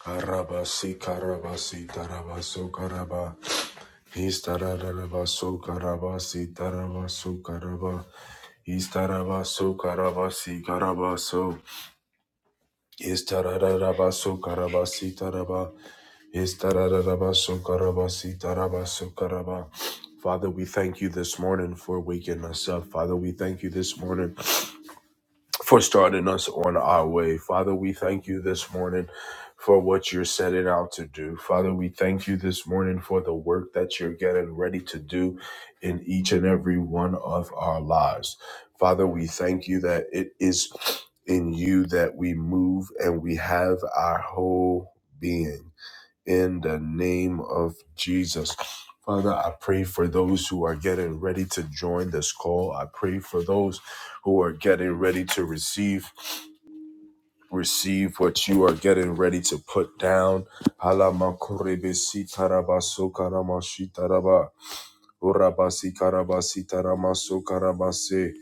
Karabasi karabasi tarabaso karaba istararabaso karabasi tarabaso karaba istarabaso karabasi karabaso istararabaso karabasi taraba istararabaso karabasi tarabaso karaba Father, we thank you this morning for waking us up. Father, we thank you this morning for starting us on our way. Father, we thank you this morning for what you're setting out to do. Father, we thank you this morning for the work that you're getting ready to do in each and every one of our lives. Father, we thank you that it is in you that we move and we have our whole being in the name of Jesus. Father, I pray for those who are getting ready to join this call. I pray for those who are getting ready to receive, receive what you are getting ready to put down. Halamakorebesi tarabaso karamashi taraba. Orabasi karabasi taramaso karabase.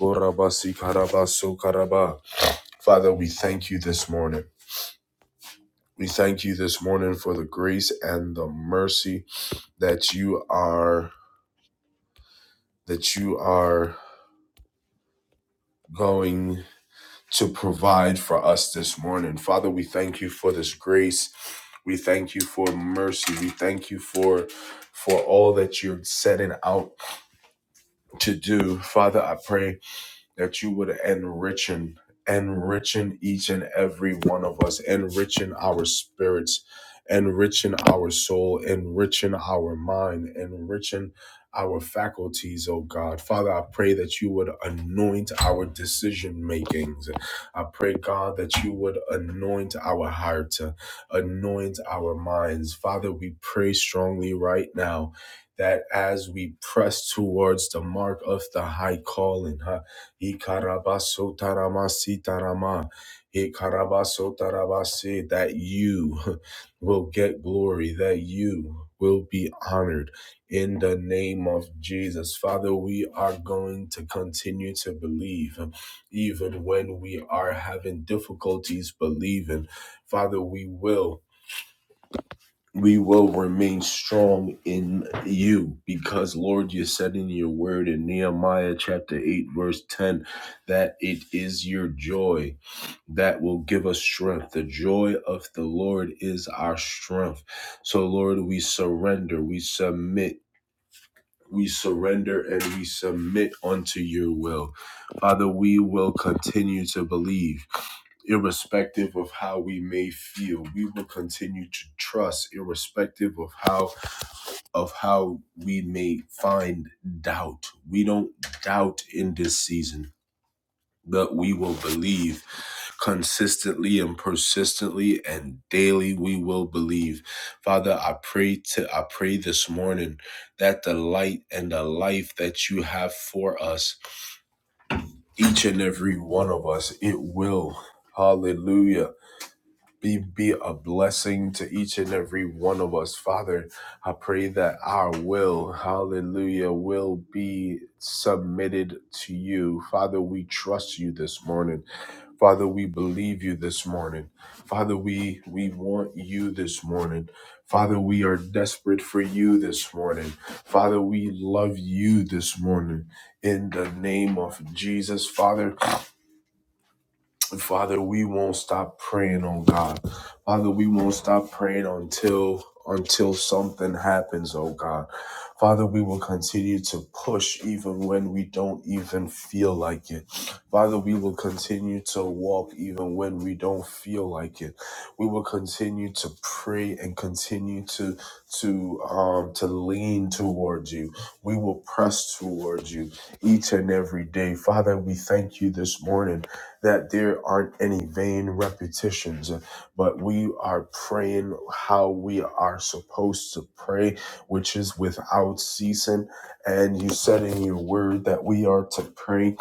Orabasi karabaso karaba. Father, we thank you this morning. We thank you this morning for the grace and the mercy that you are that you are going to provide for us this morning. Father, we thank you for this grace. We thank you for mercy. We thank you for for all that you're setting out to do. Father, I pray that you would enriching, enriching each and every one of us, enriching our spirits, enriching our soul, enriching our mind, enriching our faculties, oh God. Father, I pray that you would anoint our decision makings. I pray, God, that you would anoint our heart, uh, anoint our minds. Father, we pray strongly right now that as we press towards the mark of the high calling, huh, Ikarabasotaramasitaraman. Ikarabasotarabase, That you will get glory, that you will be honored in the name of Jesus. Father, we are going to continue to believe even when we are having difficulties believing. Father, we will we will remain strong in you because lord you said in your word in nehemiah chapter 8 verse 10 that it is your joy that will give us strength the joy of the lord is our strength so lord we surrender we submit we surrender and we submit unto your will. Father, we will continue to believe, irrespective of how we may feel. We will continue to trust, irrespective of how of how we may find doubt. We don't doubt in this season that we will believe consistently and persistently and daily we will believe father i pray to i pray this morning that the light and the life that you have for us each and every one of us it will hallelujah be be a blessing to each and every one of us father i pray that our will hallelujah will be submitted to you father we trust you this morning father we believe you this morning father we we want you this morning father we are desperate for you this morning father we love you this morning in the name of jesus father Father, we won't stop praying on God. Father, we won't stop praying until until something happens, oh God. Father, we will continue to push even when we don't even feel like it. Father, we will continue to walk even when we don't feel like it. We will continue to pray and continue to to um to lean towards you. We will press towards you each and every day. Father, we thank you this morning that there aren't any vain repetitions, but we are praying how we are supposed to pray, which is without ceasing. And you said in your word that we are to pray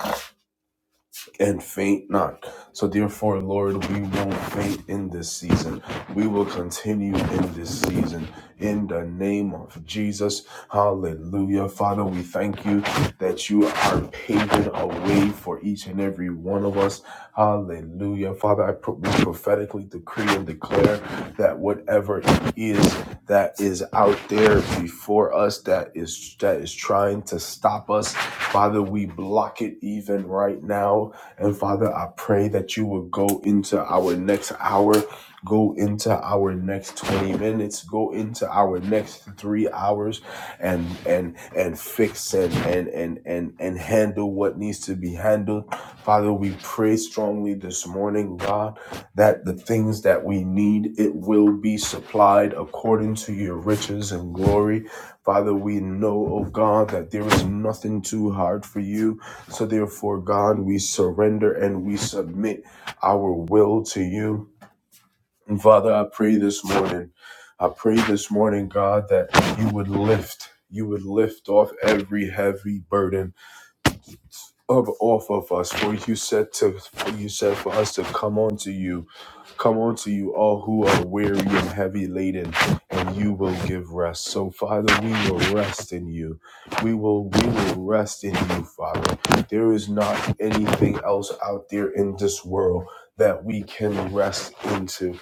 and faint not. So, therefore, Lord, we won't faint in this season. We will continue in this season in the name of Jesus. Hallelujah. Father, we thank you that you are paving a way for each and every one of us. Hallelujah. Father, I pro- we prophetically decree and declare that whatever it is that is out there before us that is that is trying to stop us, Father, we block it even right now and Father, I pray that you will go into our next hour, go into our next 20 minutes, go into our next three hours and and and fix and and and and, and handle what needs to be handled. Father, we pray strongly this morning, God, that the things that we need, it will be supplied according to your riches and glory. Father, we know, oh God, that there is nothing too hard for you. So therefore, God, we surrender and we submit our will to you. And Father, I pray this morning. I pray this morning, God, that you would lift, you would lift off every heavy burden of off of us, for you said to for you said for us to come unto you, come unto you all who are weary and heavy laden, and you will give rest. So Father, we will rest in you. We will we will rest in you, Father. There is not anything else out there in this world that we can rest into.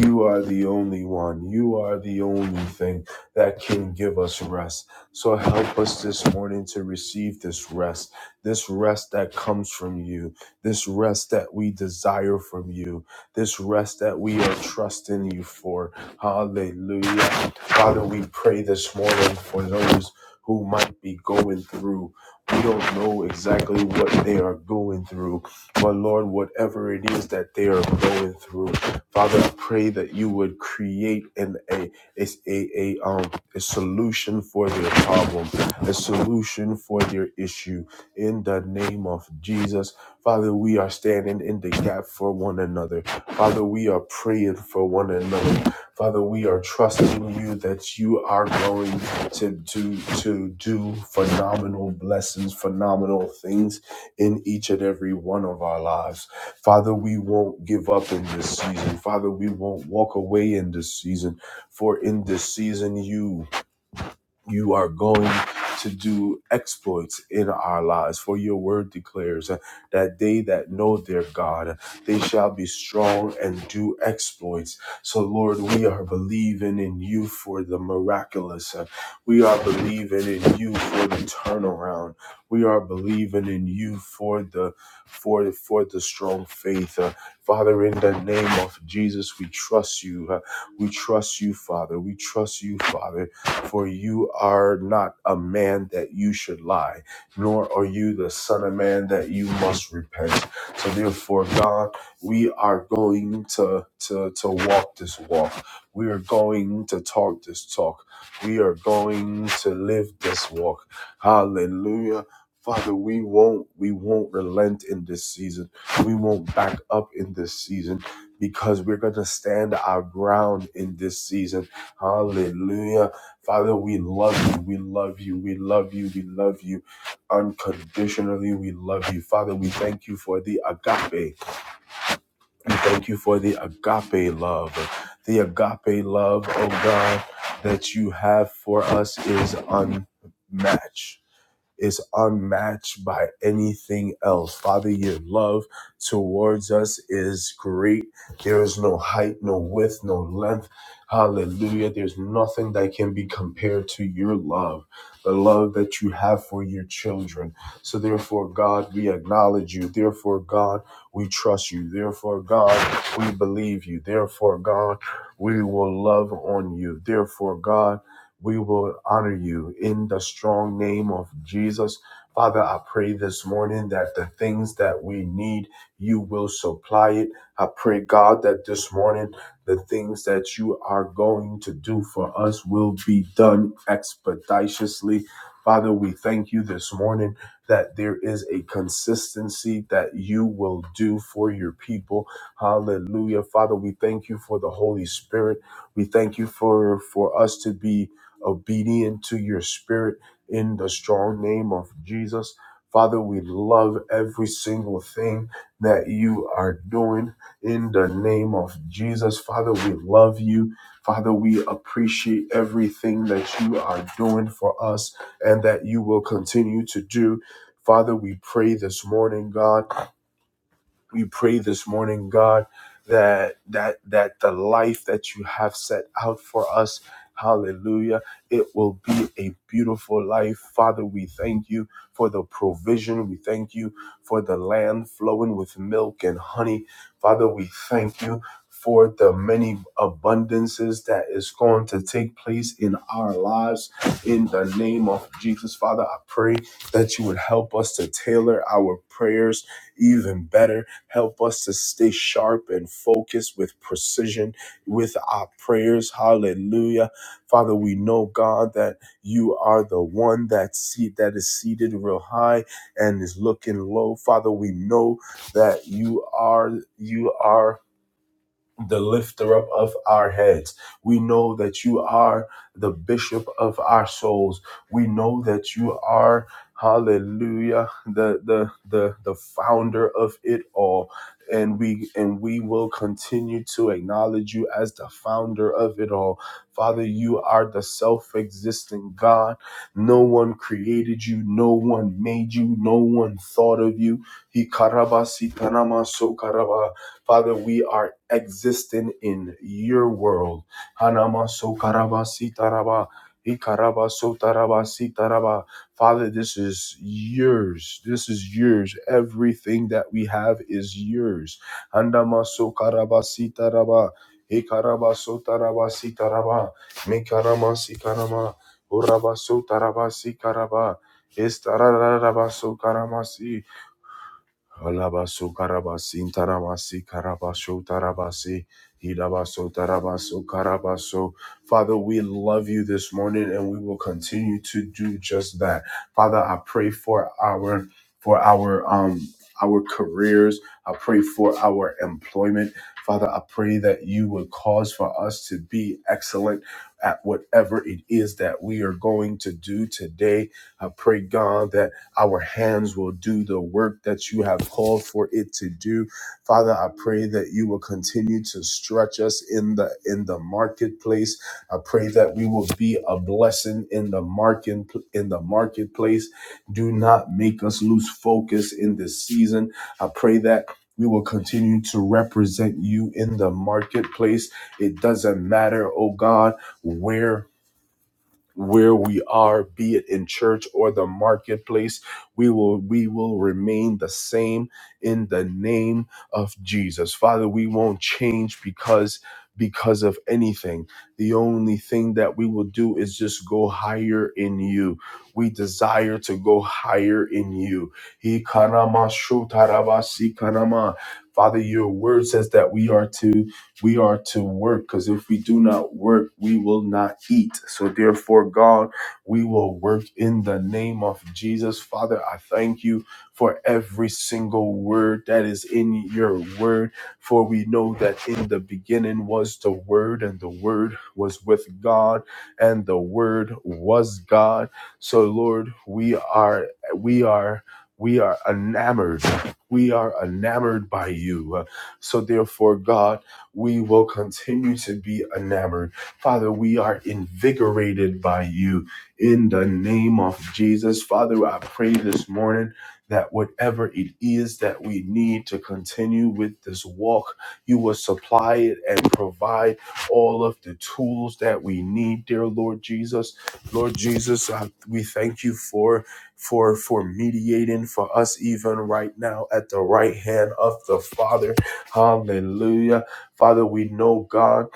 You are the only one. You are the only thing that can give us rest. So help us this morning to receive this rest this rest that comes from you, this rest that we desire from you, this rest that we are trusting you for. Hallelujah. Father, we pray this morning for those who might be going through. We don't know exactly what they are going through, but Lord, whatever it is that they are going through, Father, I pray that you would create an a a, a, a um a solution for their problem, a solution for their issue, in the name of Jesus. Father, we are standing in the gap for one another. Father, we are praying for one another. Father, we are trusting you that you are going to, to, to do phenomenal blessings, phenomenal things in each and every one of our lives. Father, we won't give up in this season. Father, we won't walk away in this season, for in this season, you you are going to do exploits in our lives. For your word declares uh, that they that know their God, uh, they shall be strong and do exploits. So, Lord, we are believing in you for the miraculous. Uh, We are believing in you for the turnaround. We are believing in you for the for for the strong faith. Uh, Father, in the name of Jesus, we trust you. Uh, We trust you, Father. We trust you, Father. For you are not a man that you should lie, nor are you the son of man that you must repent. So therefore, God, we are going to to, to walk this walk. We are going to talk this talk. We are going to live this walk. Hallelujah. Father, we won't we won't relent in this season. We won't back up in this season because we're going to stand our ground in this season. Hallelujah. Father, we love you. We love you. We love you. We love you unconditionally. We love you. Father, we thank you for the agape. We thank you for the agape love. The agape love, oh God, that you have for us is unmatched is unmatched by anything else. Father, your love towards us is great. There is no height, no width, no length. Hallelujah. There's nothing that can be compared to your love, the love that you have for your children. So, therefore, God, we acknowledge you. Therefore, God, we trust you. Therefore, God, we believe you. Therefore, God, we will love on you. Therefore, God, we will honor you in the strong name of Jesus. Father, I pray this morning that the things that we need, you will supply it. I pray, God, that this morning the things that you are going to do for us will be done expeditiously. Father, we thank you this morning that there is a consistency that you will do for your people. Hallelujah. Father, we thank you for the Holy Spirit. We thank you for for us to be obedient to your spirit in the strong name of Jesus. Father, we love every single thing that you are doing in the name of Jesus. Father, we love you. Father, we appreciate everything that you are doing for us and that you will continue to do. Father, we pray this morning, God. We pray this morning, God, that that that the life that you have set out for us, hallelujah, it will be a beautiful life. Father, we thank you for the provision. We thank you for the land flowing with milk and honey. Father, we thank you for the many abundances that is going to take place in our lives in the name of Jesus. Father, I pray that you would help us to tailor our prayers even better Help us to stay sharp and focused with precision with our prayers. Hallelujah. Father, we know, God, that you are the one that seat that is seated real high and is looking low. Father, we know that you are you are the lifter up of our heads. We know that you are the bishop of our souls. We know that you are hallelujah the the the the founder of it all and we and we will continue to acknowledge you as the founder of it all father you are the self-existent god no one created you no one made you no one thought of you he karabasi tanama so karaba. Father, we are existing in your world. Hanama so karaba sitaraba. Ikaraba so taraba sitaraba. Father, this is yours. This is yours. Everything that we have is yours. Handama so karaba sitaraba. Ikaraba so taraba sitaraba. Mikarama sikarama. Uraba so taraba sikaraba. Estarararaba so si. Alabaso karabasin taramasi karabasho tarabasi hidabaso tarabaso karabaso. Father, we love you this morning and we will continue to do just that. Father, I pray for our for our um our careers. I pray for our employment. Father, I pray that you would cause for us to be excellent at whatever it is that we are going to do today. I pray, God, that our hands will do the work that you have called for it to do. Father, I pray that you will continue to stretch us in the in the marketplace. I pray that we will be a blessing in the market in the marketplace. Do not make us lose focus in this season. I pray that we will continue to represent you in the marketplace. It doesn't matter, oh God, where where we are be it in church or the marketplace we will we will remain the same in the name of Jesus father we won't change because because of anything the only thing that we will do is just go higher in you we desire to go higher in you He karama shu tarabasi si karama. father your word says that we are to we are to work because if we do not work, we will not eat. So, therefore, God, we will work in the name of Jesus. Father, I thank you for every single word that is in your word, for we know that in the beginning was the word, and the word was with God, and the word was God. So, Lord, we are, we are. We are enamored. We are enamored by you. So, therefore, God, we will continue to be enamored. Father, we are invigorated by you in the name of Jesus. Father, I pray this morning that whatever it is that we need to continue with this walk, you will supply it and provide all of the tools that we need, dear Lord Jesus. Lord Jesus, I, we thank you for for for mediating for us even right now at the right hand of the Father. Hallelujah. Father, we know God.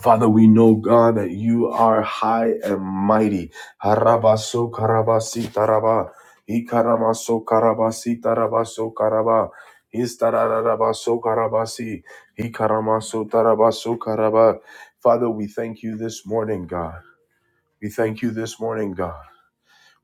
Father, we know God that you are high and mighty. Harabaso karabasi taraba. Ikaramaso karabasi tarabaso karaba. Istararabaso karabasi. Ikaramaso tarabaso karaba. Father, we thank you this morning, God. We thank you this morning, God.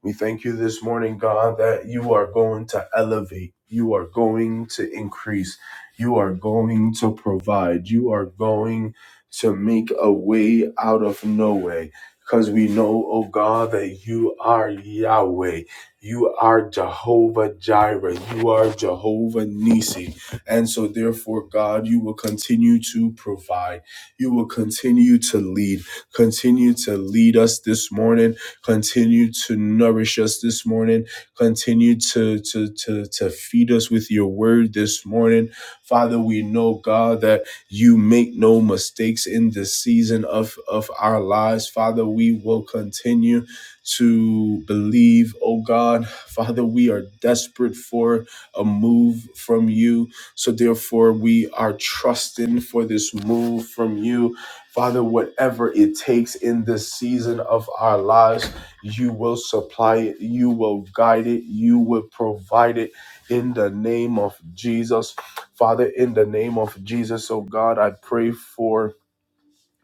We thank you this morning, God, that you are going to elevate, you are going to increase, you are going to provide, you are going to make a way out of no way. Because we know, oh God, that you are Yahweh, you are Jehovah Jireh, you are Jehovah Nisi. And so, therefore, God, you will continue to provide, you will continue to lead, continue to lead us this morning Continue to nourish us this morning. Continue to, to, to, to feed us with your word this morning. Father, we know, God, that you make no mistakes in this season of, of our lives. Father, we will continue to believe, oh God. Father, we are desperate for a move from you. So therefore, we are trusting for this move from you. Father, whatever it takes in this season of our lives. You will supply it. You will guide it. You will provide it in the name of Jesus. Father, in the name of Jesus, oh God, I pray for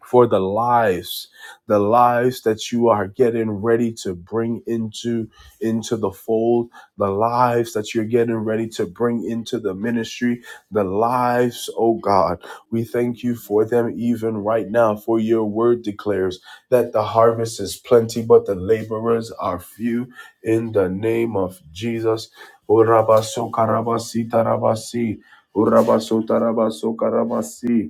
for the lives the lives that you are getting ready to bring into into the fold the lives that you're getting ready to bring into the ministry the lives oh god we thank you for them even right now for your word declares that the harvest is plenty but the laborers are few in the name of jesus Urabasokarabasitarabasi. Urabasotarabasi.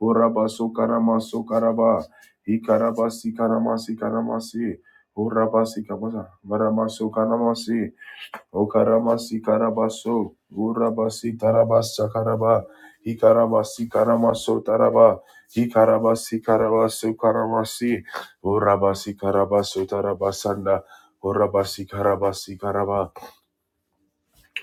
Urabasi karamasi karaba. Ikarabasi karamasi karamasi. Urabasi kabasa. Maramasi karamasi. Okaramasi karabaso. Urabasi tarabasa karaba. Ikarabasi karamaso taraba. Ikarabasi karabaso karamasi. Urabasi karabaso tarabasanda. Urabasi karabasi karaba.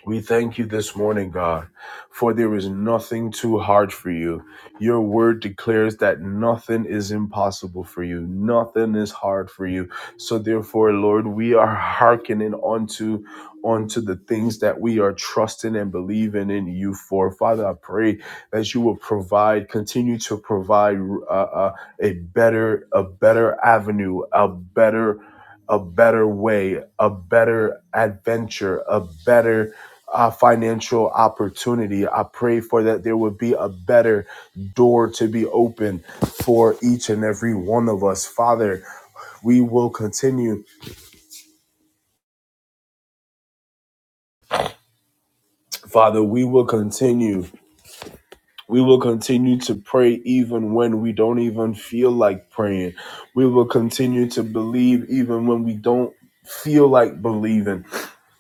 We thank you this morning, God, for there is nothing too hard for you. Your word declares that nothing is impossible for you, nothing is hard for you. So therefore, Lord, we are hearkening onto onto the things that we are trusting and believing in you for. Father, I pray that you will provide, continue to provide uh, uh, a better, a better avenue, a better a better way, a better adventure, a better uh, financial opportunity. I pray for that there would be a better door to be open for each and every one of us. Father, we will continue. Father, we will continue. We will continue to pray even when we don't even feel like praying. We will continue to believe even when we don't feel like believing.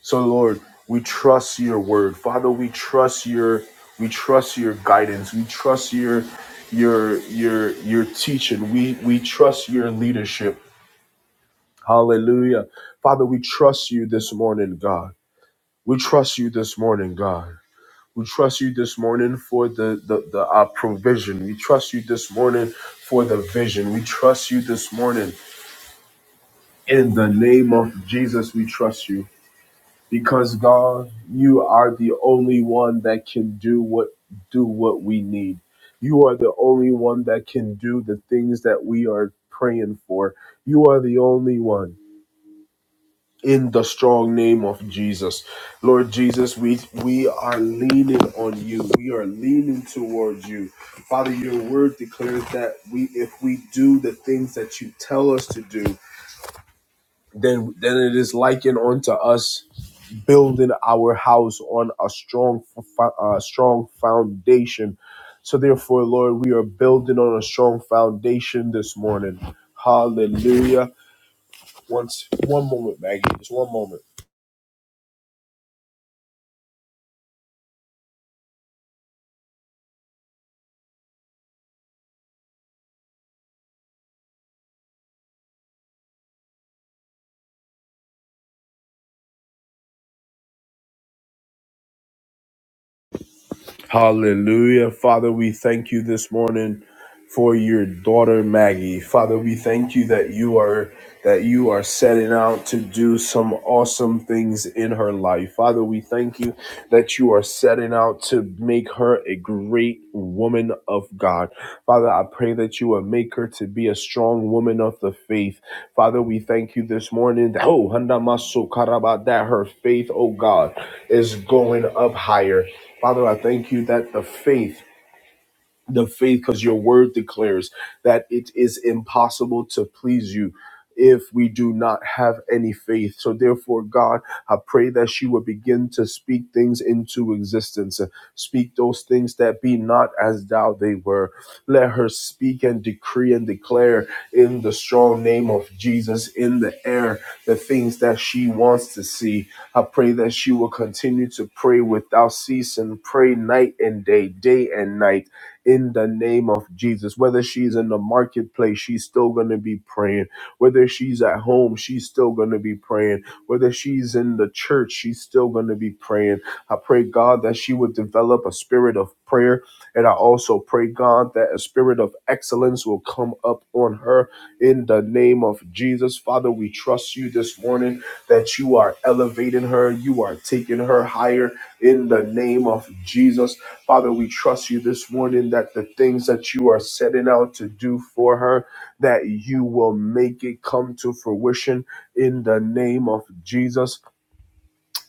So Lord, we trust your word. Father, we trust your we trust your guidance. We trust your your your your teaching. We we trust your leadership. Hallelujah. Father, we trust you this morning, God. We trust you this morning, God. We trust you this morning for the the, the uh, provision. We trust you this morning for the vision. We trust you this morning in the name of Jesus. We trust you. because God, you are the only one that can do what do what we need. You are the only one that can do the things that we are praying for. You are the only one. In the strong name of Jesus. Lord Jesus, we we are leaning on you. We are leaning towards you. Father, your word declares that we if we do the things that you tell us to do, then then it is likened unto us building our house on a strong, fo- uh, strong foundation. So therefore, Lord, we are building on a strong foundation this morning. Hallelujah. Once, one moment, Maggie. Just one moment. Hallelujah. Father, we thank you this morning. for your daughter Maggie. Father, we thank you that you are that you are setting out to do some awesome things in her life. Father, we thank you that you are setting out to make her a great woman of God. Father, I pray that you will make her to be a strong woman of the faith. Father, we thank you this morning that oh, handamasu karaba, that her faith, oh God, is going up higher. Father, I thank you that the faith the faith because your word declares that it is impossible to please you if we do not have any faith. So therefore, God, I pray that she will begin to speak things into existence. Uh, Speak those things that be not as thou they were. Let her speak and decree and declare in the strong name of Jesus in the air the things that she wants to see. I pray that she will continue to pray without ceasing, pray night and day, day and night in the name of Jesus. Whether she's in the marketplace, she's still going to be praying. Whether she's at home, she's still going to be praying. Whether she's in the church, she's still going to be praying. I pray, God, that she would develop a spirit of prayer. And I also pray, God, that a spirit of excellence will come up on her in the name of Jesus. Father, we trust you this morning that you are elevating her, you are taking her higher in the name of Jesus. Father, we trust you this morning that the things that you are setting out to do for her, that you will make it come to fruition in the name of Jesus.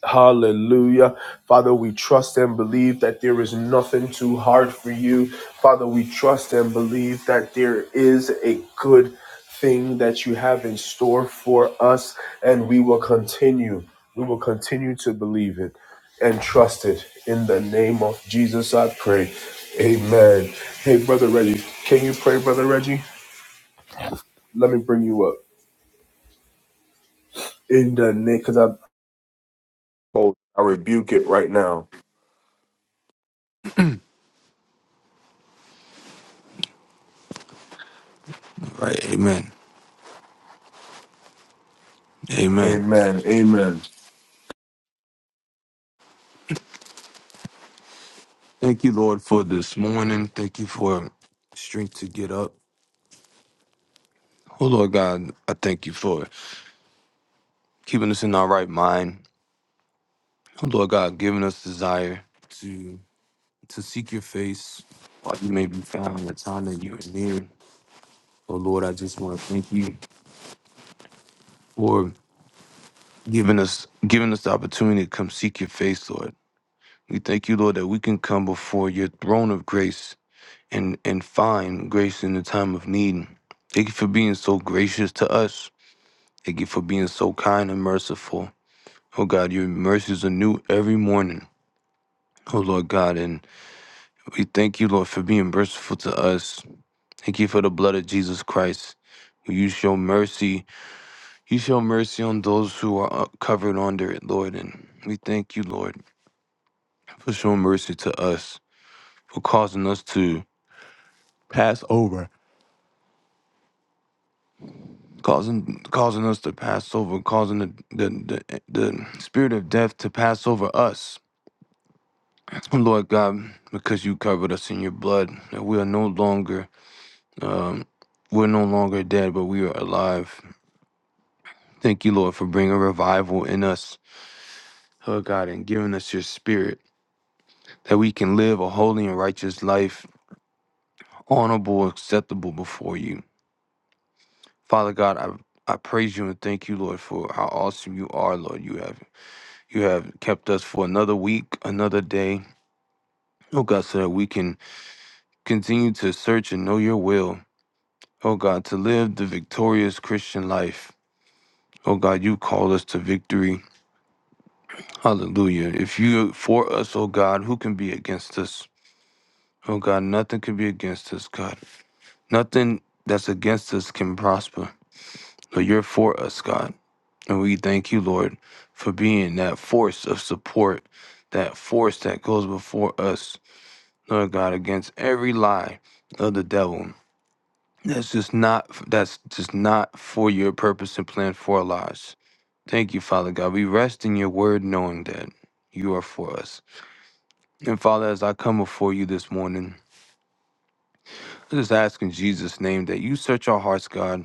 Hallelujah. Father, we trust and believe that there is nothing too hard for you. Father, we trust and believe that there is a good thing that you have in store for us, and we will continue. We will continue to believe it and trust it. In the name of Jesus, I pray. Amen. Hey, Brother Reggie, can you pray, Brother Reggie? Let me bring you up. In the name, because I, oh, I rebuke it right now. Right. Amen. Amen. Amen. Amen. Thank you, Lord, for this morning. Thank you for strength to get up. Oh, Lord God, I thank you for keeping us in our right mind. Oh, Lord God, giving us desire to to seek your face while you may be found in the time that you are near. Oh, Lord, I just want to thank you for giving us giving us the opportunity to come seek your face, Lord. We thank you, Lord, that we can come before your throne of grace and and find grace in the time of need. Thank you for being so gracious to us. Thank you for being so kind and merciful. Oh God, your mercies are new every morning. Oh Lord God, and we thank you, Lord, for being merciful to us. Thank you for the blood of Jesus Christ. You show mercy. You show mercy on those who are uh, covered under it, Lord. And we thank you, Lord, for showing mercy to us, for causing us to pass over causing causing us to pass over, causing the the, the the spirit of death to pass over us, Lord God, because you covered us in your blood, that we are no longer um, we're no longer dead, but we are alive. Thank you, Lord, for bringing revival in us, Lord God, and giving us your spirit that we can live a holy and righteous life, honorable, acceptable before you, Father God. I I praise you and thank you, Lord, for how awesome you are, Lord. You have You have kept us for another week, another day. Oh God, so that we can continue to search and know your will. Oh God, to live the victorious Christian life. Oh God, you called us to victory. Hallelujah. If you for us, oh God, who can be against us? Oh God, nothing can be against us, God. Nothing that's against us can prosper. So you're for us, God. And we thank you, Lord, for being that force of support, that force that goes before us. Lord God, against every lie of the devil. That's just not that's just not for your purpose and plan for our lives. Thank you, Father God. We rest in your word knowing that you are for us. And Father, as I come before you this morning, I just ask in Jesus' name that you search our hearts, God,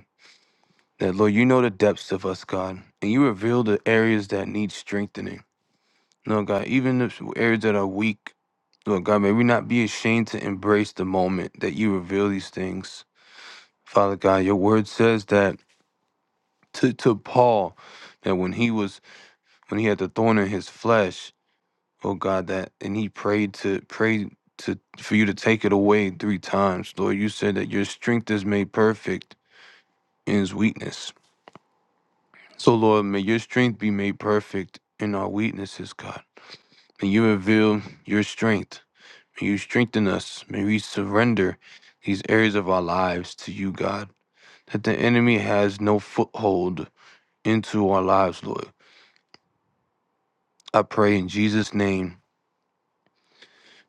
that Lord, you know the depths of us, God, and you reveal the areas that need strengthening. Lord God, even the areas that are weak, Lord God, may we not be ashamed to embrace the moment that you reveal these things. Father God, your word says that to, to Paul that when he was when he had the thorn in his flesh, oh God, that and he prayed to pray to for you to take it away three times. Lord, you said that your strength is made perfect in his weakness. So Lord, may your strength be made perfect in our weaknesses, God. May you reveal your strength. May you strengthen us. May we surrender these areas of our lives to you, God. That the enemy has no foothold into our lives, Lord. I pray in Jesus' name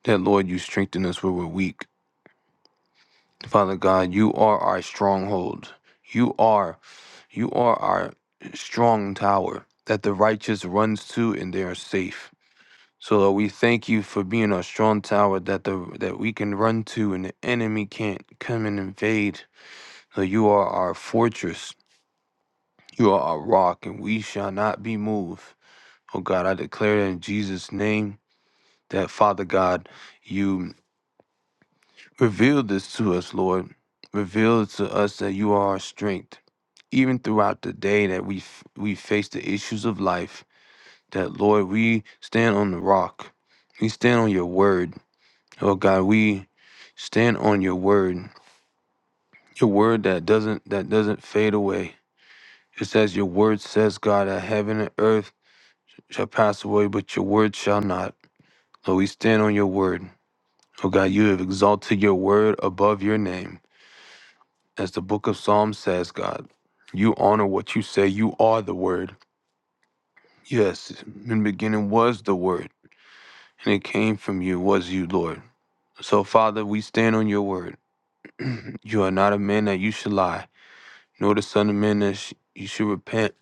that, Lord, you strengthen us where we're weak. Father God, you are our stronghold. You are, you are our strong tower that the righteous runs to and they are safe. So Lord, we thank you for being our strong tower that the that we can run to and the enemy can't come and invade. So you are our fortress. You are our rock, and we shall not be moved. Oh God, I declare that in Jesus' name. that Father God, you revealed this to us, Lord. Reveal to us that you are our strength, even throughout the day that we f- we face the issues of life. That Lord, we stand on the rock. We stand on your word, oh God. We stand on your word, your word that doesn't that doesn't fade away. It says your word says, God, that heaven and earth shall pass away, but your word shall not. Lord, we stand on your word. Oh God, you have exalted your word above your name. As the book of Psalms says, God, you honor what you say. You are the word. Yes, in the beginning was the word, and it came from you, was you, Lord. So, Father, we stand on your word. You are not a man that you should lie, nor the son of man that sh- you should repent.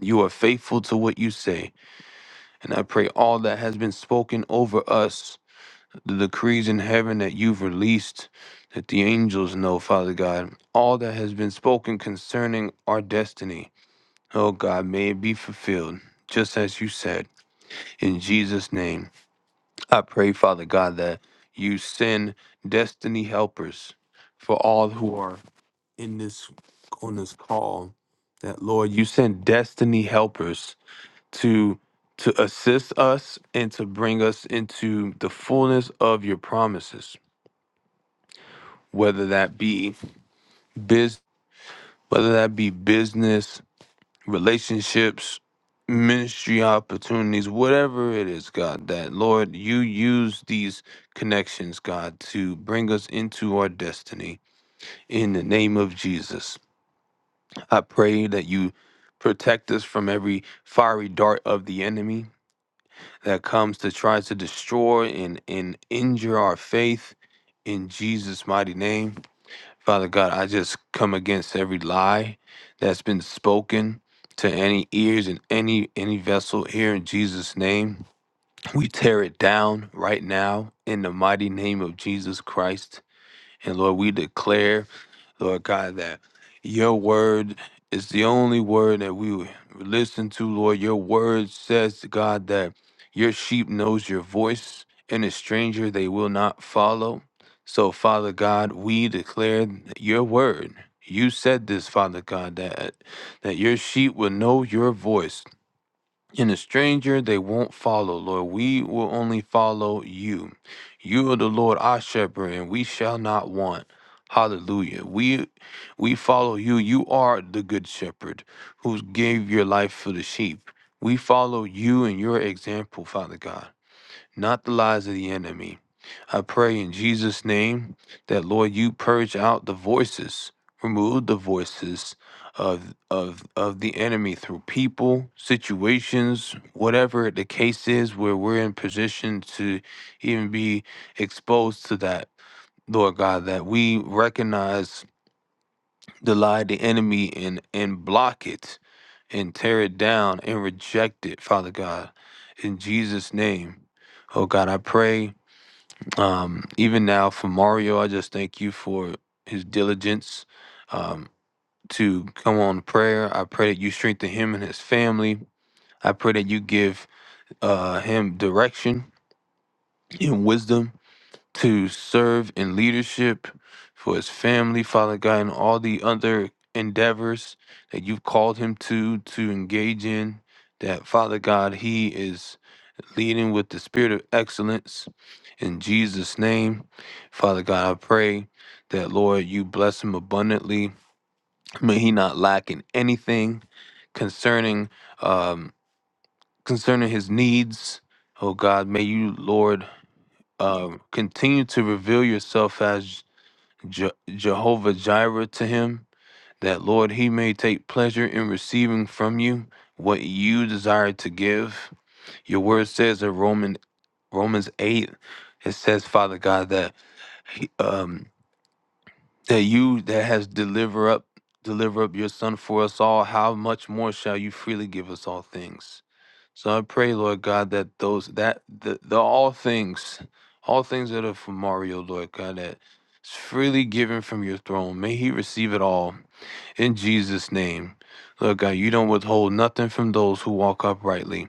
You are faithful to what you say. And I pray all that has been spoken over us the decrees in heaven that you've released, that the angels know, Father God, all that has been spoken concerning our destiny. Oh God, may it be fulfilled, just as you said. In Jesus' name, I pray, Father God, that you send destiny helpers for all who are in this on this call. That Lord, you send destiny helpers to to assist us and to bring us into the fullness of your promises. whether that be biz whether that be business, relationships, ministry opportunities, whatever it is, God, that Lord, you use these connections, God, to bring us into our destiny. In the name of Jesus. I pray that you protect us from every fiery dart of the enemy that comes to try to destroy and, and injure our faith in Jesus' mighty name. Father God, I just come against every lie that's been spoken to any ears and any any vessel here in Jesus name. We tear it down right now in the mighty name of Jesus Christ. And Lord, we declare Lord God, that your word is the only word that we would listen to, Lord. Your word says, God, that your sheep knows your voice, and a stranger they will not follow. So, Father God, we declare your word. You said this, Father God, that that your sheep will know your voice. In a stranger they won't follow, Lord. We will only follow you. You are the Lord our shepherd, and we shall not want. Hallelujah. We we follow you. You are the good shepherd who gave your life for the sheep. We follow you and your example, Father God not the lies of the enemy. I pray in Jesus' name that, Lord, you purge out the voices, remove the voices of, of, of the enemy through people, situations, whatever the case is where we're in position to even be exposed to that. Lord God, that we recognize the lie of the enemy and, and block it and tear it down and reject it, Father God, in Jesus' name. Oh God, I pray um, even now for Mario, I just thank you for his diligence um, to come on prayer. I pray that you strengthen him and his family. I pray that you give uh, him direction and wisdom to serve in leadership for his family, Father God, and all the other endeavors that you've called him to to engage in. That Father God, he is leading with the spirit of excellence. In Jesus' name, Father God, I pray that, Lord, you bless him abundantly. May he not lack in anything concerning um, concerning his needs. Oh God, may you, Lord, um, continue to reveal yourself as Je- Jehovah Jireh to him. That, Lord, he may take pleasure in receiving from you what you desire to give. Your word says in Roman Romans eight, it says, Father God, that he- um that you that has deliver up deliver up your son for us all, how much more shall you freely give us all things? So I pray, Lord God, that those that the, the all things, all things that are from Mario, Lord God, that is freely given from your throne. May he receive it all in Jesus' name. Lord God, you don't withhold nothing from those who walk uprightly.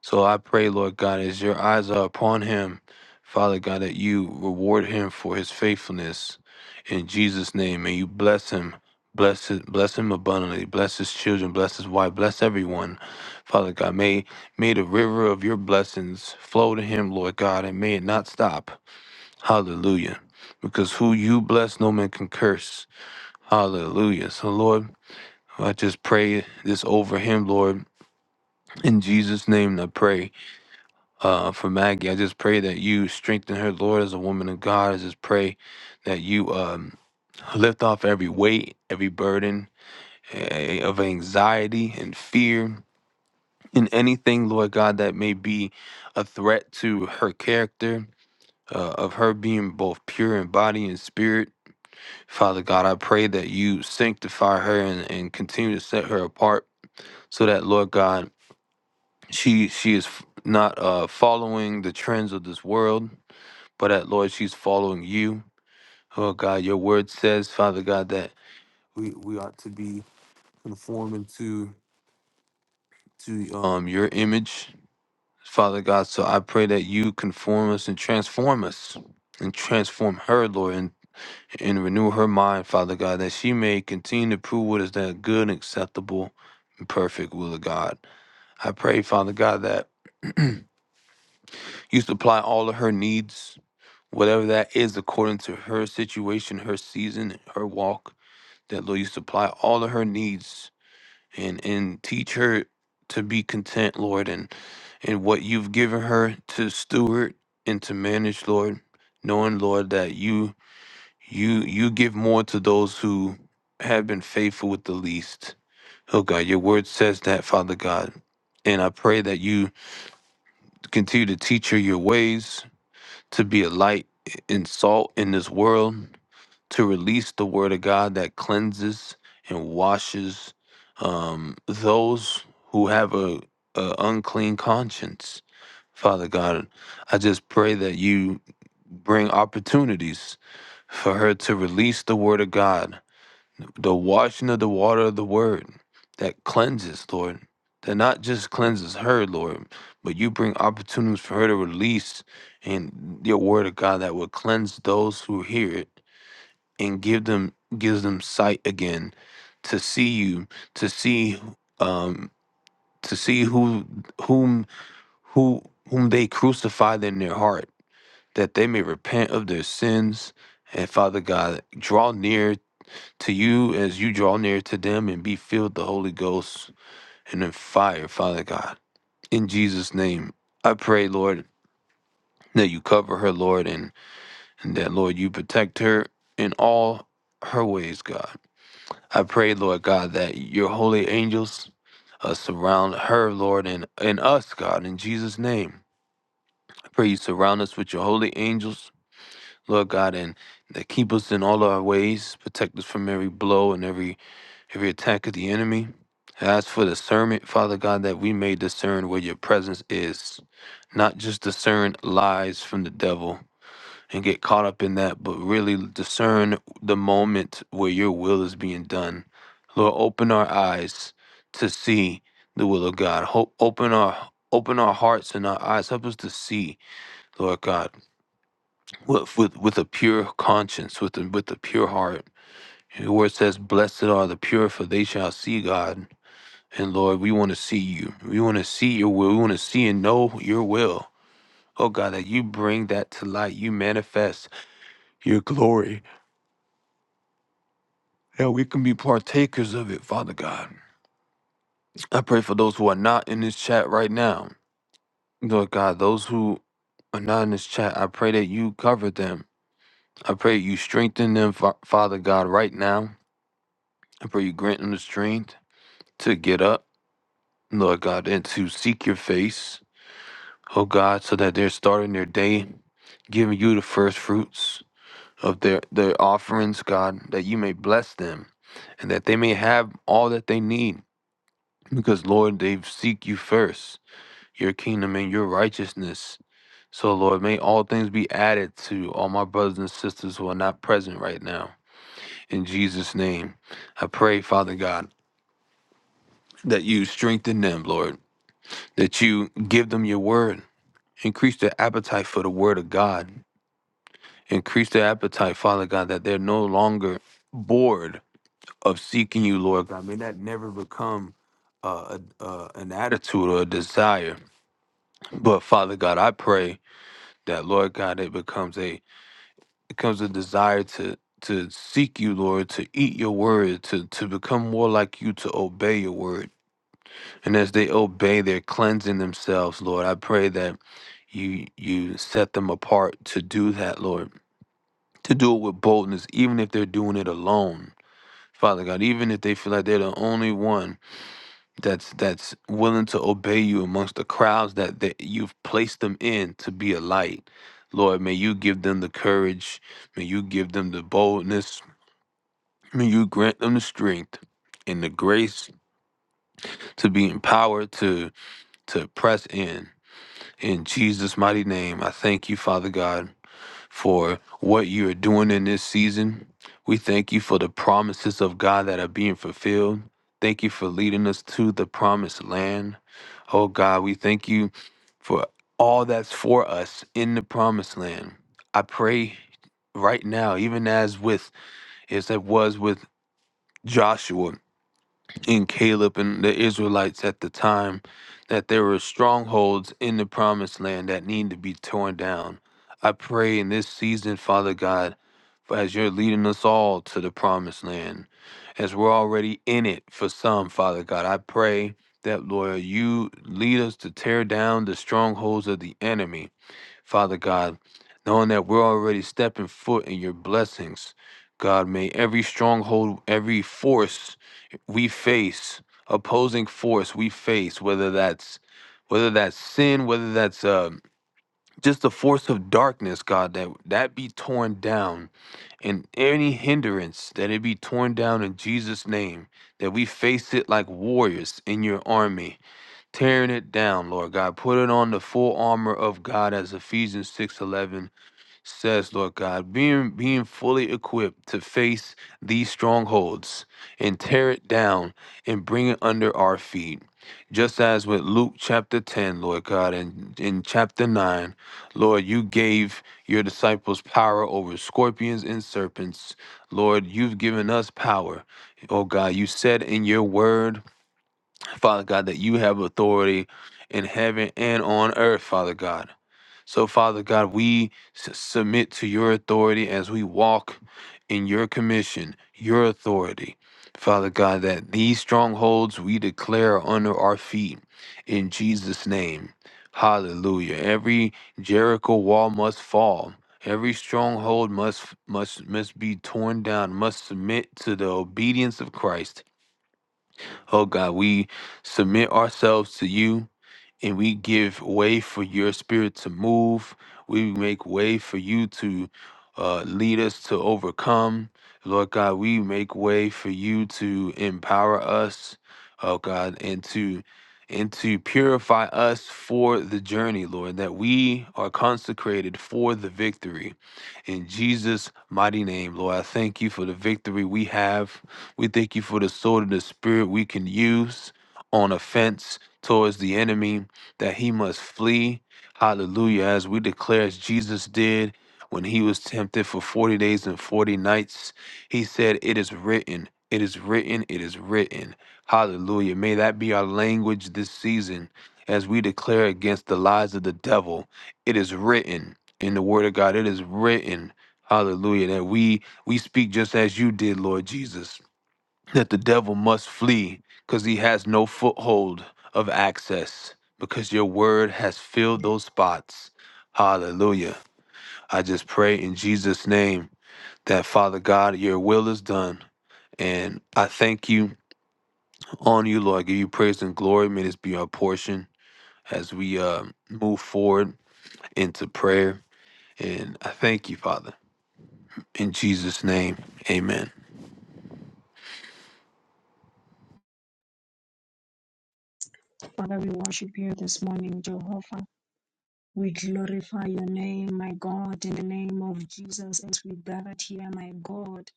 So I pray, Lord God, as your eyes are upon him, Father God, that you reward him for his faithfulness. In Jesus' name, may you bless him. Bless it, bless him abundantly. Bless his children. Bless his wife. Bless everyone. Father God, may may the river of your blessings flow to him, Lord God, and may it not stop. Hallelujah. Because who you bless, no man can curse. Hallelujah. So Lord, I just pray this over him, Lord. In Jesus' name I pray uh, for Maggie. I just pray that you strengthen her, Lord, as a woman of God. I just pray that you um, lift off every weight, every burden eh, of anxiety and fear and anything, Lord God, that may be a threat to her character. Uh, of her being both pure in body and spirit. Father God, I pray that you sanctify her and, and continue to set her apart so that, Lord God, she she is f- not uh, following the trends of this world but that, Lord, she's following you. Oh God, your word says, Father God, that we, we ought to be conforming to to um your image, Father God. So I pray that you conform us and transform us and transform her, Lord, and, and renew her mind, Father God, that she may continue to prove what is that good and acceptable and perfect will of God. I pray, Father God, that you supply all of her needs, whatever that is according to her situation, her season, her walk. that Lord, you supply all of her needs and and teach her to be content, Lord, and and what you've given her to steward and to manage, Lord, knowing, Lord, that you you you give more to those who have been faithful with the least. Oh God, your word says that, Father God. And I pray that you continue to teach her your ways, to be a light and salt in this world, to release the word of God that cleanses and washes um, those who have a, a unclean conscience. Father God, I just pray that you bring opportunities for her to release the word of God, the washing of the water of the word that cleanses, Lord. That not just cleanses her, Lord, but you bring opportunities for her to release and your word of God that will cleanse those who hear it and give them gives them sight again to see you to see um to see who whom who whom they crucified in their heart that they may repent of their sins and father god draw near to you as you draw near to them and be filled with the holy ghost and in fire father god in jesus name i pray lord that you cover her lord and, and that lord you protect her in all her ways god I pray, Lord God, that your holy angels uh, surround her, Lord, and, and us, God, in Jesus' name. I pray you surround us with your holy angels, Lord God, and that keep us in all our ways, protect us from every blow and every every attack of the enemy. I ask for discernment, Father God, that we may discern where your presence is, not just discern lies from the devil, and get caught up in that, but really discern the moment where your will is being done. Lord, open our eyes to see the will of God. Hope, open our open our hearts and our eyes. Help us to see, Lord God, with with, with a pure conscience, with a, with a pure heart. Your word says, "Blessed are the pure, for they shall see God." And Lord, we want to see you. We want to see your will. We want to see and know your will. Oh God, that you bring that to light. You manifest your glory that we can be partakers of it, Father God. I pray for those who are not in this chat right now. Lord God, those who are not in this chat, I pray that you cover them. I pray you strengthen them, Fa- Father God, right now. I pray you grant them the strength to get up, Lord God, and to seek your face, oh God, so that they're starting their day giving you the first fruits of their, their offerings, God, that you may bless them and that they may have all that they need because, Lord, they seek you first. your kingdom and your righteousness. So, Lord, may all things be added to all my brothers and sisters who are not present right now. In Jesus' name, I pray, Father God, that you strengthen them, Lord, that you give them your word, increase their appetite for the word of God, increase their appetite, Father God, that they're no longer bored of seeking you, Lord God. May that never become uh, a, uh, an attitude or a desire. But, Father God, I pray that, Lord God, it becomes a it comes a desire to to seek you lord to eat your word to to become more like you to obey your word and as they obey they're cleansing themselves lord i pray that you you set them apart to do that lord to do it with boldness even if they're doing it alone father god even if they feel like they're the only one that's that's willing to obey you amongst the crowds that, that you've placed them in to be a light lord may you give them the courage May you give them the boldness May you grant them the strength and the grace to be empowered to to press in. In Jesus' mighty name, I thank you, Father God, for what you are doing in this season. We thank you for the promises of God that are being fulfilled. Thank you for leading us to the promised land. Oh God, we thank you for all that's for us in the promised land. I pray right now, even as with as it was with Joshua and Caleb and the Israelites at the time that there were strongholds in the promised land that need to be torn down. I pray in this season, Father God, for as you're leading us all to the promised land, as we're already in it for some, Father God, I pray that, Lord, you lead us to tear down the strongholds of the enemy Father God, knowing that we're already stepping foot in your blessings. God, may every stronghold, every force we face, opposing force we face, whether that's whether that's sin, whether that's uh, just the force of darkness, God, that that be torn down, and any hindrance that it be torn down in Jesus' name, that we face it like warriors in your army, tearing it down, Lord God. Put it on the full armor of God as Ephesians 6:11 says, Lord God, being being fully equipped to face these strongholds and tear it down and bring it under our feet. Just as with Luke chapter 10, Lord God, and in chapter 9, Lord, you gave your disciples power over scorpions and serpents. Lord, you've given us power. Oh God, you said in your word Father God, that you have authority in heaven and on earth, Father God. So, Father God, we s- submit to your authority as we walk in your commission, your authority. Father God, that these strongholds we declare are under our feet in Jesus' name. Hallelujah. Every Jericho wall must fall. Every stronghold must must must be torn down, must submit to the obedience of Christ Oh God, we submit ourselves to you and we give way for your spirit to move. We make way for you to uh, lead us to overcome. Lord God, we make way for you to empower us, oh God, and to and to purify us for the journey, Lord, that we are consecrated for the victory. In Jesus' mighty name, Lord, I thank you for the victory we have. We thank you for the sword of the spirit we can use on offense towards the enemy that he must flee. Hallelujah. As we declare, as Jesus did when he was tempted for 40 days and 40 nights, he said, It is written, it is written, it is written. Hallelujah. May that be our language this season as we declare against the lies of the devil. It is written in the word of God. It is written. Hallelujah. That we we speak just as you did, Lord Jesus that the devil must flee because he has no foothold of access because your word has filled those spots. Hallelujah. I just pray in Jesus' name that, Father God, your will is done. And I thank you on you, Lord. I give you praise and glory. May this be our portion as we uh, move forward into prayer. And I thank you, Father. In Jesus' name, amen. Father, we worship you this morning, Jehovah. We glorify your name, my God, in the name of Jesus, as we gathered here, my God,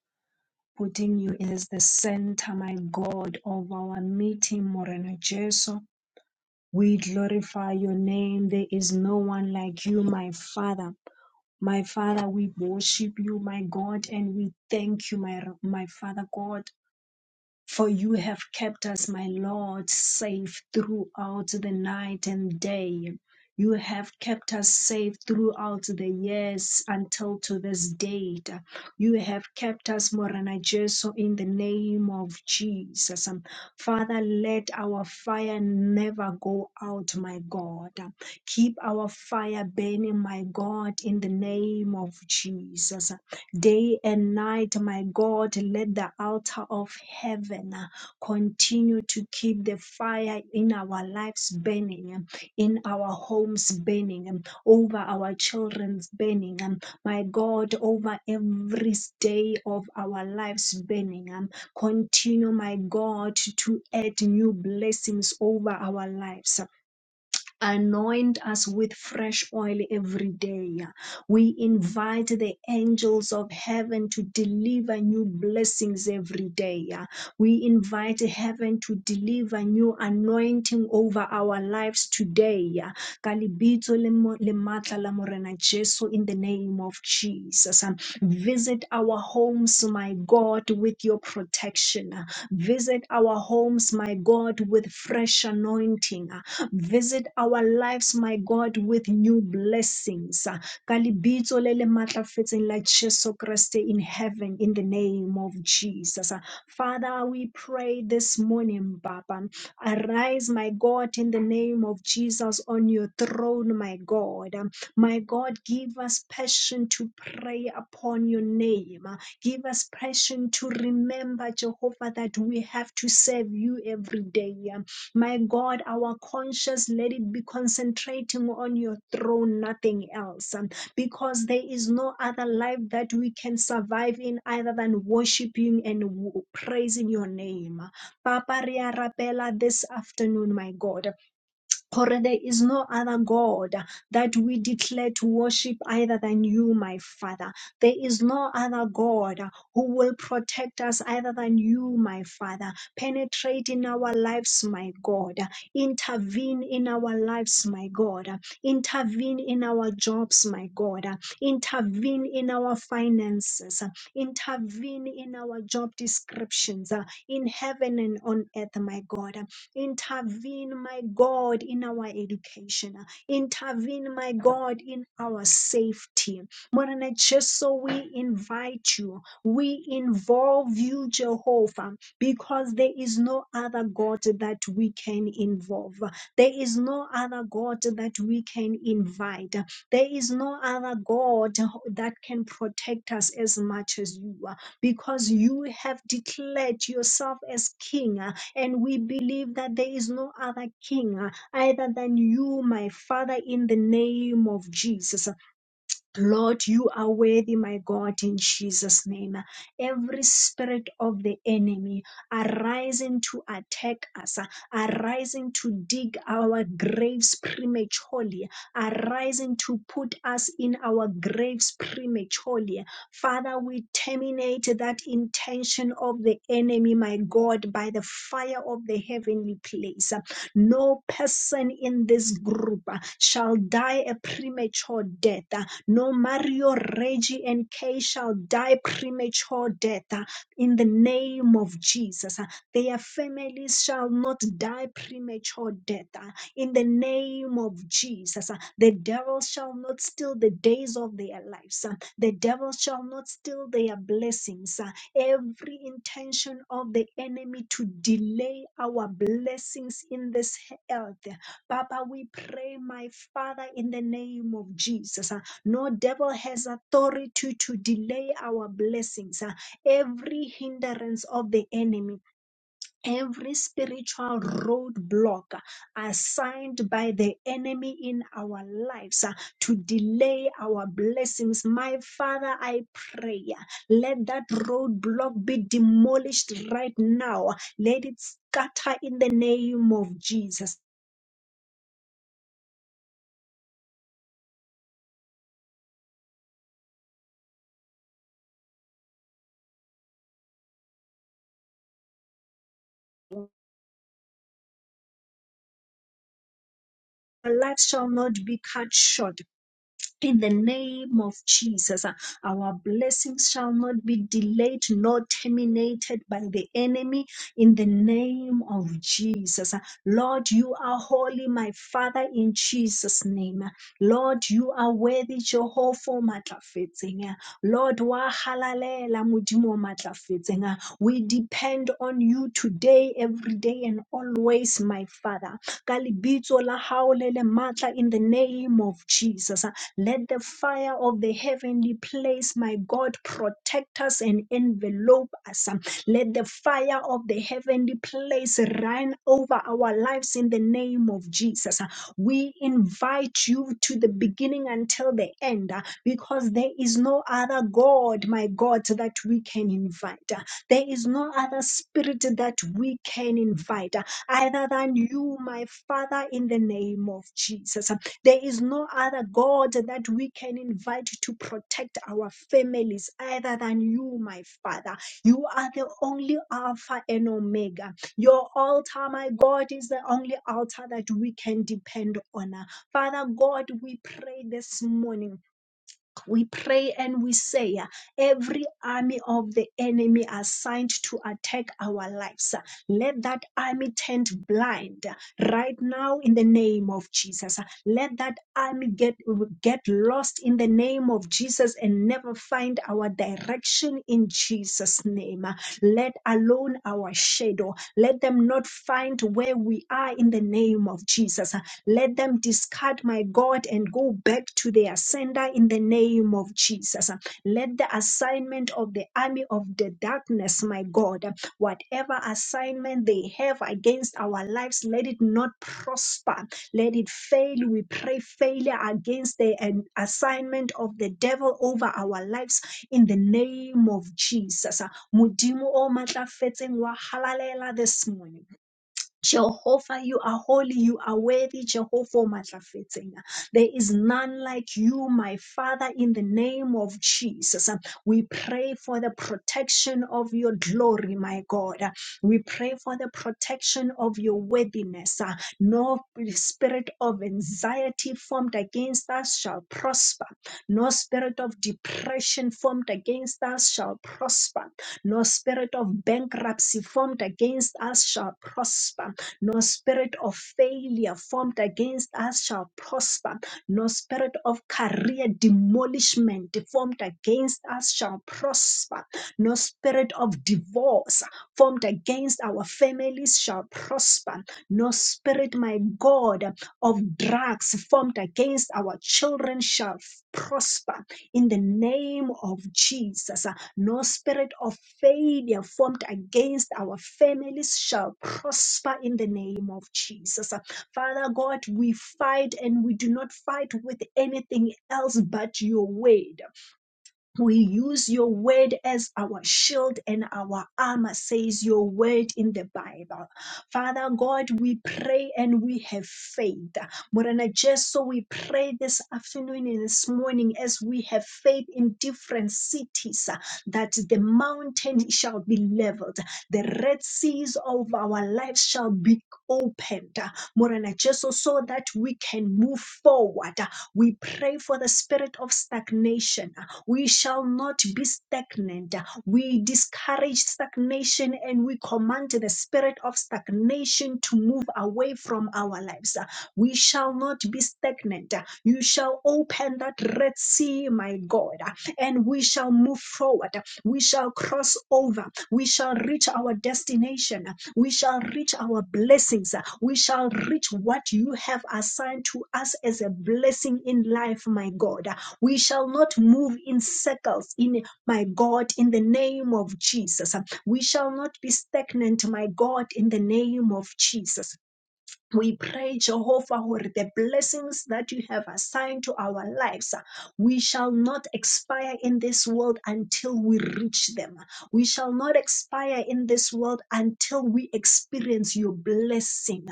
putting you as the center, my God, of our meeting, Moreno Jesu. We glorify your name. There is no one like you, my Father. My Father, we worship you, my God, and we thank you, my, my Father God. For you have kept us, my Lord, safe throughout the night and day. You have kept us safe throughout the years until to this date. You have kept us, Morana Jesu, in the name of Jesus. Father, let our fire never go out, my God. Keep our fire burning, my God, in the name of Jesus. Day and night, my God, let the altar of heaven uh, continue to keep the fire in our lives burning, um, in our homes burning, um, over our children's burning, um, my God, over every day of our lives burning. um, Continue, my God, to add new blessings over our lives. Anoint us with fresh oil every day. We invite the angels of heaven to deliver new blessings every day. We invite heaven to deliver new anointing over our lives today. Ka le mo- le matla la Morena Jesu, In the name of Jesus. Visit our homes, my God, with your protection. Visit our homes, my God, with fresh anointing. Visit our lives, my God, with new blessings. Ka lebitso le le matlafetseng la Jesu Kriste in heaven, in the name of Jesus. Father, we pray this morning, Papa. Arise, my God, in the name of Jesus on your throne, my God. My God, give us passion to pray upon your name. Give us passion to remember, Jehovah, that we have to serve you every day. My God, our conscience, let it be concentrating on your throne, nothing else. Um, Because there is no other life that we can survive in other than worshiping and w- praising your name. Papa Ria Rapela this afternoon, my God. For there is no other God that we declare to worship either than you, my Father. There is no other God who will protect us either than you, my Father. Penetrate in our lives, my God. Intervene in our lives, my God. Intervene in our jobs, my God. Intervene in our finances. Intervene in our job descriptions uh, in heaven and on earth, my God. Intervene, my God, in our education. Intervene, my God, in our safety. Morena, just so we invite you. We involve you, Jehovah, because there is no other God that we can involve. There is no other God that we can invite. There is no other God that can protect us as much as you are, because you have declared yourself as King. And we believe that there is no other king uh, other than you, my Father, in the name of Jesus. Lord, you are worthy, my God, in Jesus' name. Every spirit of the enemy arising to attack us, uh, arising to dig our graves prematurely, arising to put us in our graves prematurely. Father, we terminate that intention of the enemy, my God, by the fire of the heavenly place. Uh, No person in this group uh, shall die a premature death. No Mario, Reggie, and Kay shall die premature death uh, in the name of Jesus. uh, Their families shall not die premature death uh, in the name of Jesus. uh, The devil shall not steal the days of their lives. uh, The devil shall not steal their blessings. uh, Every intention of the enemy to delay our blessings in this earth Papa, we pray, my Father, in the name of Jesus. No devil has authority to delay our blessings. Uh, Every hindrance of the enemy, every spiritual roadblock uh, assigned by the enemy in our lives uh, to delay our blessings. My Father, I pray, uh, let that roadblock be demolished right now. Let it scatter in the name of Jesus. Our life shall not be cut short. In the name of Jesus, uh, our blessings shall not be delayed nor terminated by the enemy. In the name of Jesus, uh, Lord, you are holy, my Father, in Jesus' name. Uh, Lord, you are worthy, Jehovah, o matlafetseng. Uh, Lord, wa halalela, Modimo o matlafetseng. Uh, we depend on you today, every day, and always, my Father. Ka lebitso la hao le le matla, In the name of Jesus. Let the fire of the heavenly place, my God, protect us and envelope us. um, Let the fire of the heavenly place run over our lives in the name of Jesus. Uh, We invite you to the beginning until the end uh, because there is no other God, my God, that we can invite. Uh, There is no other spirit that we can invite uh, other than you, my Father, in the name of Jesus. There is no other God that we can invite to protect our families other than you, my Father. You are the only Alpha and Omega. Your altar, my God, is the only altar that we can depend on. Father God, we pray this morning we pray and we say, uh, every army of the enemy assigned to attack our lives, uh, let that army turn blind uh, right now in the name of Jesus. Uh, Let that army get, get lost in the name of Jesus and never find our direction in Jesus' name. Uh, Let alone our shadow, let them not find where we are in the name of Jesus. uh, let them discard, my God, and go back to their sender in the name of Jesus. Let the assignment of the army of the darkness, my God, whatever assignment they have against our lives, let it not prosper. Let it fail. We pray failure against the um, assignment of the devil over our lives in the name of Jesus. Modimo o matlafetseng wa halalela this morning. Jehovah, you are holy, you are worthy, Jehovah o matlafetseng. There is none like you, my Father, in the name of Jesus. We pray for the protection of your glory, my God. We pray for the protection of your worthiness. No spirit of anxiety formed against us shall prosper. No spirit of depression formed against us shall prosper. No spirit of bankruptcy formed against us shall prosper. No spirit of failure formed against us shall prosper. No spirit of career demolishment formed against us shall prosper. No spirit of divorce formed against our families shall prosper. No spirit, my God, of drugs formed against our children shall prosper in the name of Jesus. No spirit of failure formed against our families shall prosper in the name of Jesus. Father God, we fight and we do not fight with anything else but your word. We use your word as our shield and our armor, says your word in the Bible. Father God, we pray and we have faith. Morena just so we pray this afternoon and this morning as we have faith in different cities uh, that the mountain shall be leveled, the red seas of our lives shall be opened. Morena just so that we can move forward. We pray for the spirit of stagnation we shall not be stagnant. We discourage stagnation and we command the spirit of stagnation to move away from our lives. We shall not be stagnant. You shall open that Red Sea, my God, and we shall move forward. We shall cross over. We shall reach our destination. We shall reach our blessings. We shall reach what you have assigned to us as a blessing in life, my God. We shall not move in circles, in my God, in the name of Jesus. We shall not be stagnant, my God, in the name of Jesus. We pray, Jehovah, for the blessings that you have assigned to our lives. We shall not expire in this world until we reach them. We shall not expire in this world until we experience your blessing.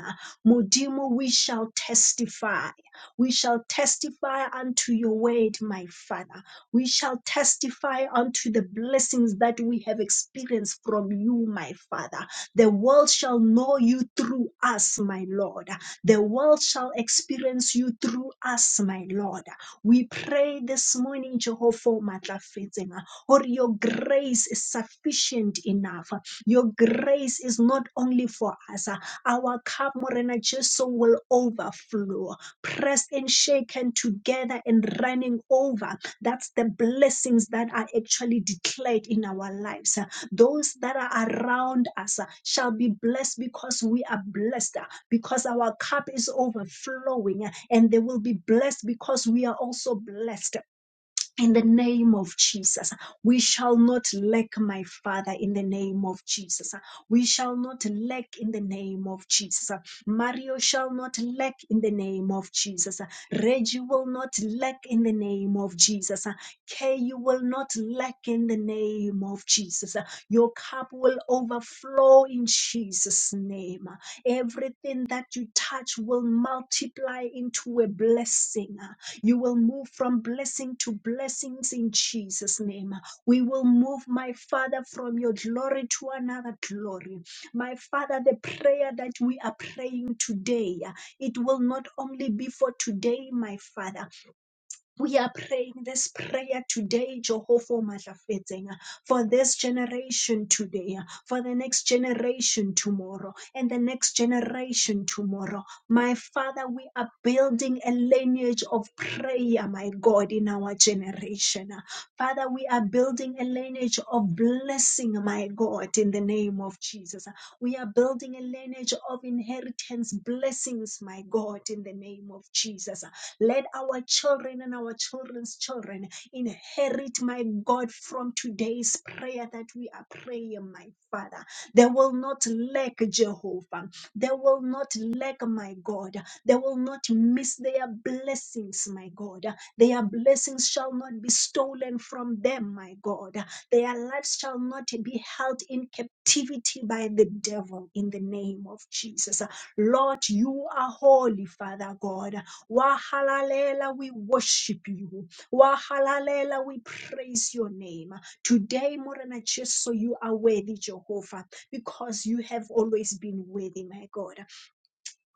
Modimo, we shall testify. We shall testify unto your word, my Father. We shall testify unto the blessings that we have experienced from you, my Father. The world shall know you through us, my Lord. The world shall experience you through us, my Lord. We pray this morning, Jehovah Matlafetenga, or your grace is sufficient enough. Your grace is not only for us. Our cup, Morena Jesu, will overflow, pressed and shaken together and running over. That's the blessings that are actually declared in our lives. Those that are around us uh, shall be blessed because we are blessed, uh, because our cup is overflowing, uh, and they will be blessed because we are also blessed. In the name of Jesus, we shall not lack, my Father, in the name of Jesus. We shall not lack in the name of Jesus. Mario shall not lack in the name of Jesus. Reggie will not lack in the name of Jesus. Kay, you will not lack in the name of Jesus. Your cup will overflow in Jesus' name. Everything that you touch will multiply into a blessing. You will move from blessing to blessings in Jesus' name. We will move, my Father, from your glory to another glory. My Father, the prayer that we are praying today, it will not only be for today, my Father we are praying this prayer today, Jehovah Matafeting, for this generation today, for the next generation tomorrow, and the next generation tomorrow. My Father, we are building a lineage of prayer, my God, in our generation. Father, we are building a lineage of blessing, my God, in the name of Jesus. We are building a lineage of inheritance blessings, my God, in the name of Jesus. Let our children and our children's children inherit, my God, from today's prayer that we are praying, my Father. They will not lack, Jehovah. They will not lack, my God. They will not miss their blessings, my God. Their blessings shall not be stolen from them, my God. Their lives shall not be held in captivity by the devil in the name of Jesus. Lord, you are holy, Father God. Wahalalela, we worship you. Wahalalela, we praise your name. Today, more than just so you are worthy, Jehovah, because you have always been worthy, my God.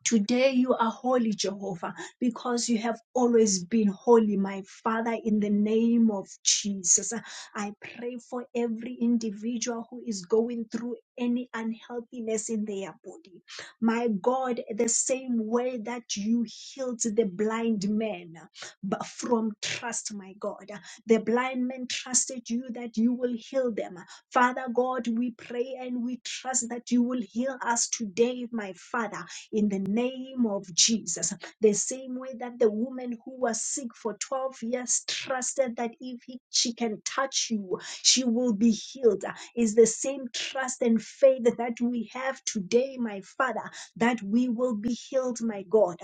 Today you are holy, Jehovah, because you have always been holy, my Father, in the name of Jesus. I pray for every individual who is going through any unhealthiness in their body. My God, the same way that you healed the blind man but from trust, my God, the blind men trusted you that you will heal them. Father God, we pray and we trust that you will heal us today, my Father in the name of Jesus. The same way that the woman who was sick for 12 years trusted that if he- she can touch you, she will be healed is the same trust and faith that we have today, my Father, that we will be healed, my God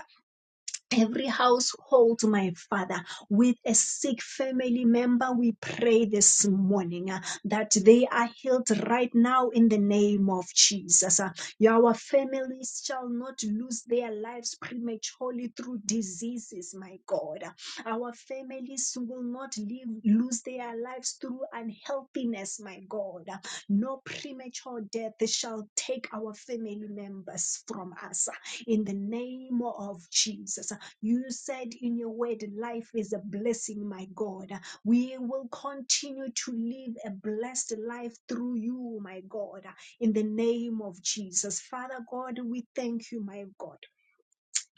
every household, my Father, with a sick family member, we pray this morning uh, that they are healed right now in the name of Jesus. Uh, Your families shall not lose their lives prematurely through diseases, my God. Uh, Our families will not live, lose their lives through unhealthiness, my God. Uh, No premature death shall take our family members from us Uh, in the name of Jesus. You said in your word, life is a blessing, my God. We will continue to live a blessed life through you, my God, in the name of Jesus. Father God, we thank you, my God.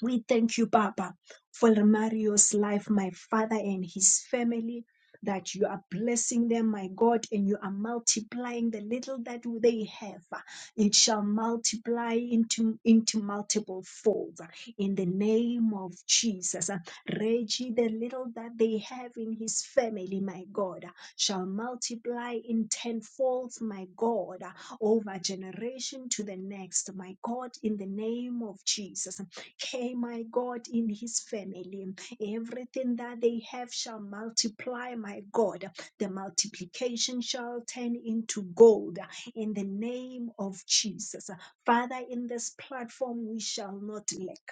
We thank you, Papa, for Mario's life, my father, and his family, that you are blessing them, my God, and you are multiplying the little that they have. It shall multiply into, into multiple folds in the name of Jesus. Reggie, the little that they have in his family, my God, shall multiply in tenfolds, my God, over generation to the next, my God, in the name of Jesus came, my God, in his family. Everything that they have shall multiply, my God. The multiplication shall turn into gold in the name of Jesus. Father, in this platform, we shall not lack.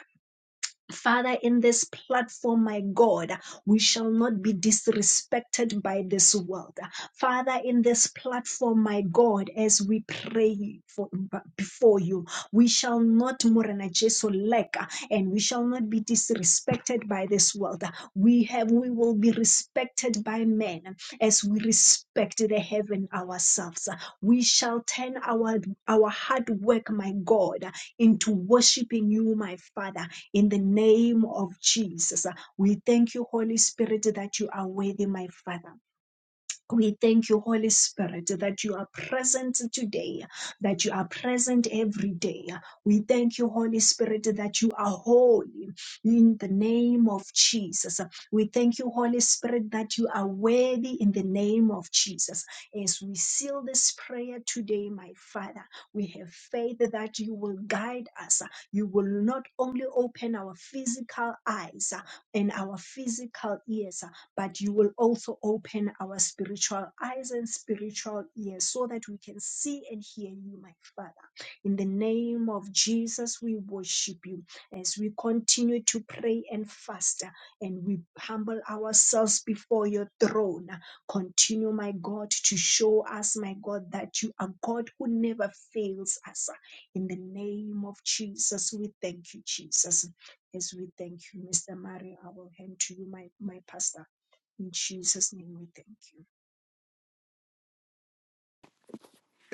Father, in this platform, my God, we shall not be disrespected by this world. Father, in this platform, my God, as we pray for, before you, we shall not Morena Jesu lack and we shall not be disrespected by this world. We have, we will be respected by men as we respect the heaven ourselves. We shall turn our our hard work, my God, into worshiping you, my Father in the name of Jesus. uh, We thank you, Holy Spirit, that you are worthy, my Father. We thank you, Holy Spirit, that you are present today, that you are present every day. We thank you, Holy Spirit, that you are holy in the name of Jesus. We thank you, Holy Spirit, that you are worthy in the name of Jesus. As we seal this prayer today, my Father, we have faith that you will guide us. You will not only open our physical eyes and our physical ears, but you will also open our spiritual eyes and spiritual ears so that we can see and hear you, my Father. In the name of Jesus, we worship you as we continue to pray and fast uh, and we humble ourselves before your throne. Continue, my God, to show us, my God, that you are God who never fails us. In the name of Jesus, we thank you, Jesus. As we thank you, Mr. Mario, I will hand to you, my, my pastor. In Jesus' name we thank you.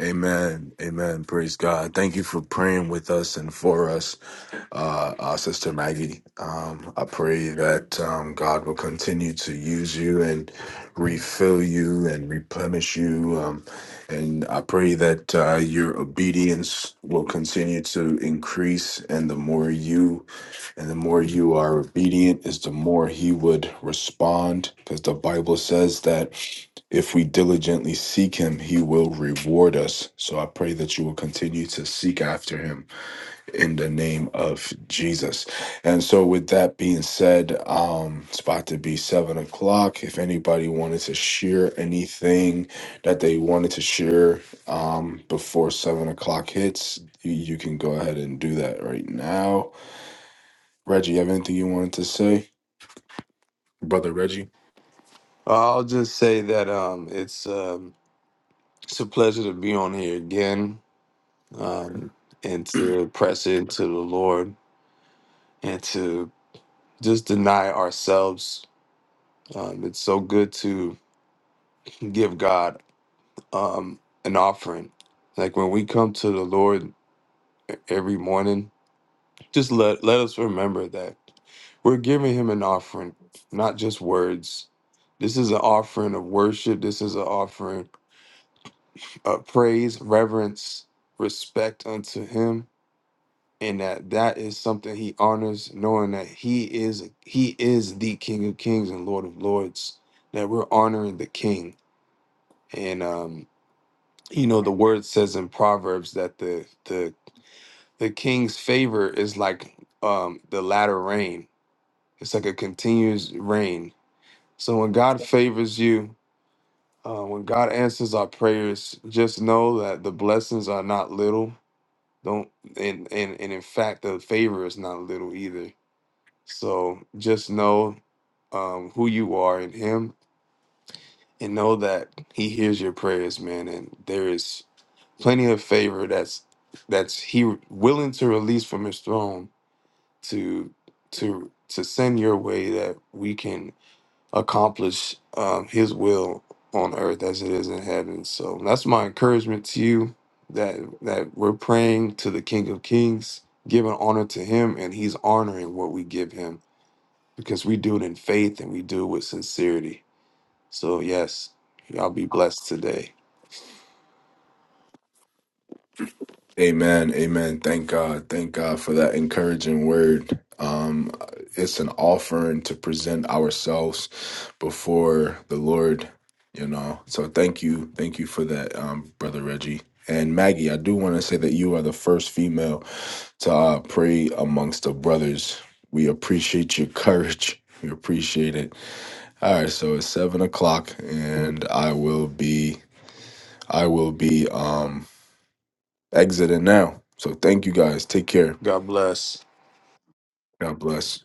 Amen. Amen. Praise God. Thank you for praying with us and for us, uh, uh, Sister Maggie. Um, I pray that um, God will continue to use you and refill you and replenish you. Um, and I pray that uh, your obedience will continue to increase. And the more you and the more you are obedient, is the more He would respond. Because the Bible says that if we diligently seek him, he will reward us. So I pray that you will continue to seek after him in the name of Jesus. And so, with that being said, um, it's about to be seven o'clock. If anybody wanted to share anything that they wanted to share um, before seven o'clock hits, you, you can go ahead and do that right now. Reggie, you have anything you wanted to say, brother Reggie? I'll just say that um, it's um, it's a pleasure to be on here again. and to press into the Lord and to just deny ourselves. Um, it's so good to give God an offering. Like when we come to the Lord e- every morning, just let, let us remember that we're giving Him an offering, not just words. This is an offering of worship. This is an offering of praise, reverence, respect unto Him and that that is something he honors knowing that he is he is the king of kings and lord of lords that we're honoring the king and um you know the word says in proverbs that the the the king's favor is like um the latter rain it's like a continuous rain so when god favors you uh, when god answers our prayers just know that the blessings are not little don't and and, and in fact the favor is not little either So just know um, who you are in Him and know that He hears your prayers, man. And there is plenty of favor that's that's He willing to release from His throne to to to send your way that we can accomplish um, His will on earth as it is in heaven. So that's my encouragement to you that that we're praying to the King of Kings, giving honor to Him, and He's honoring what we give Him because we do it in faith and we do it with sincerity. So, yes, y'all be blessed today. Amen. Amen. Thank God. Thank God for that encouraging word. Um, it's an offering to present ourselves before the Lord, you know. So thank you. Thank you for that, um, Brother Reggie. And Maggie, I do want to say that you are the first female to uh, pray amongst the brothers. We appreciate your courage. We appreciate it. All right, so it's seven o'clock, and I will be, I will be. um exiting now. So thank you guys. Take care. God bless. God bless.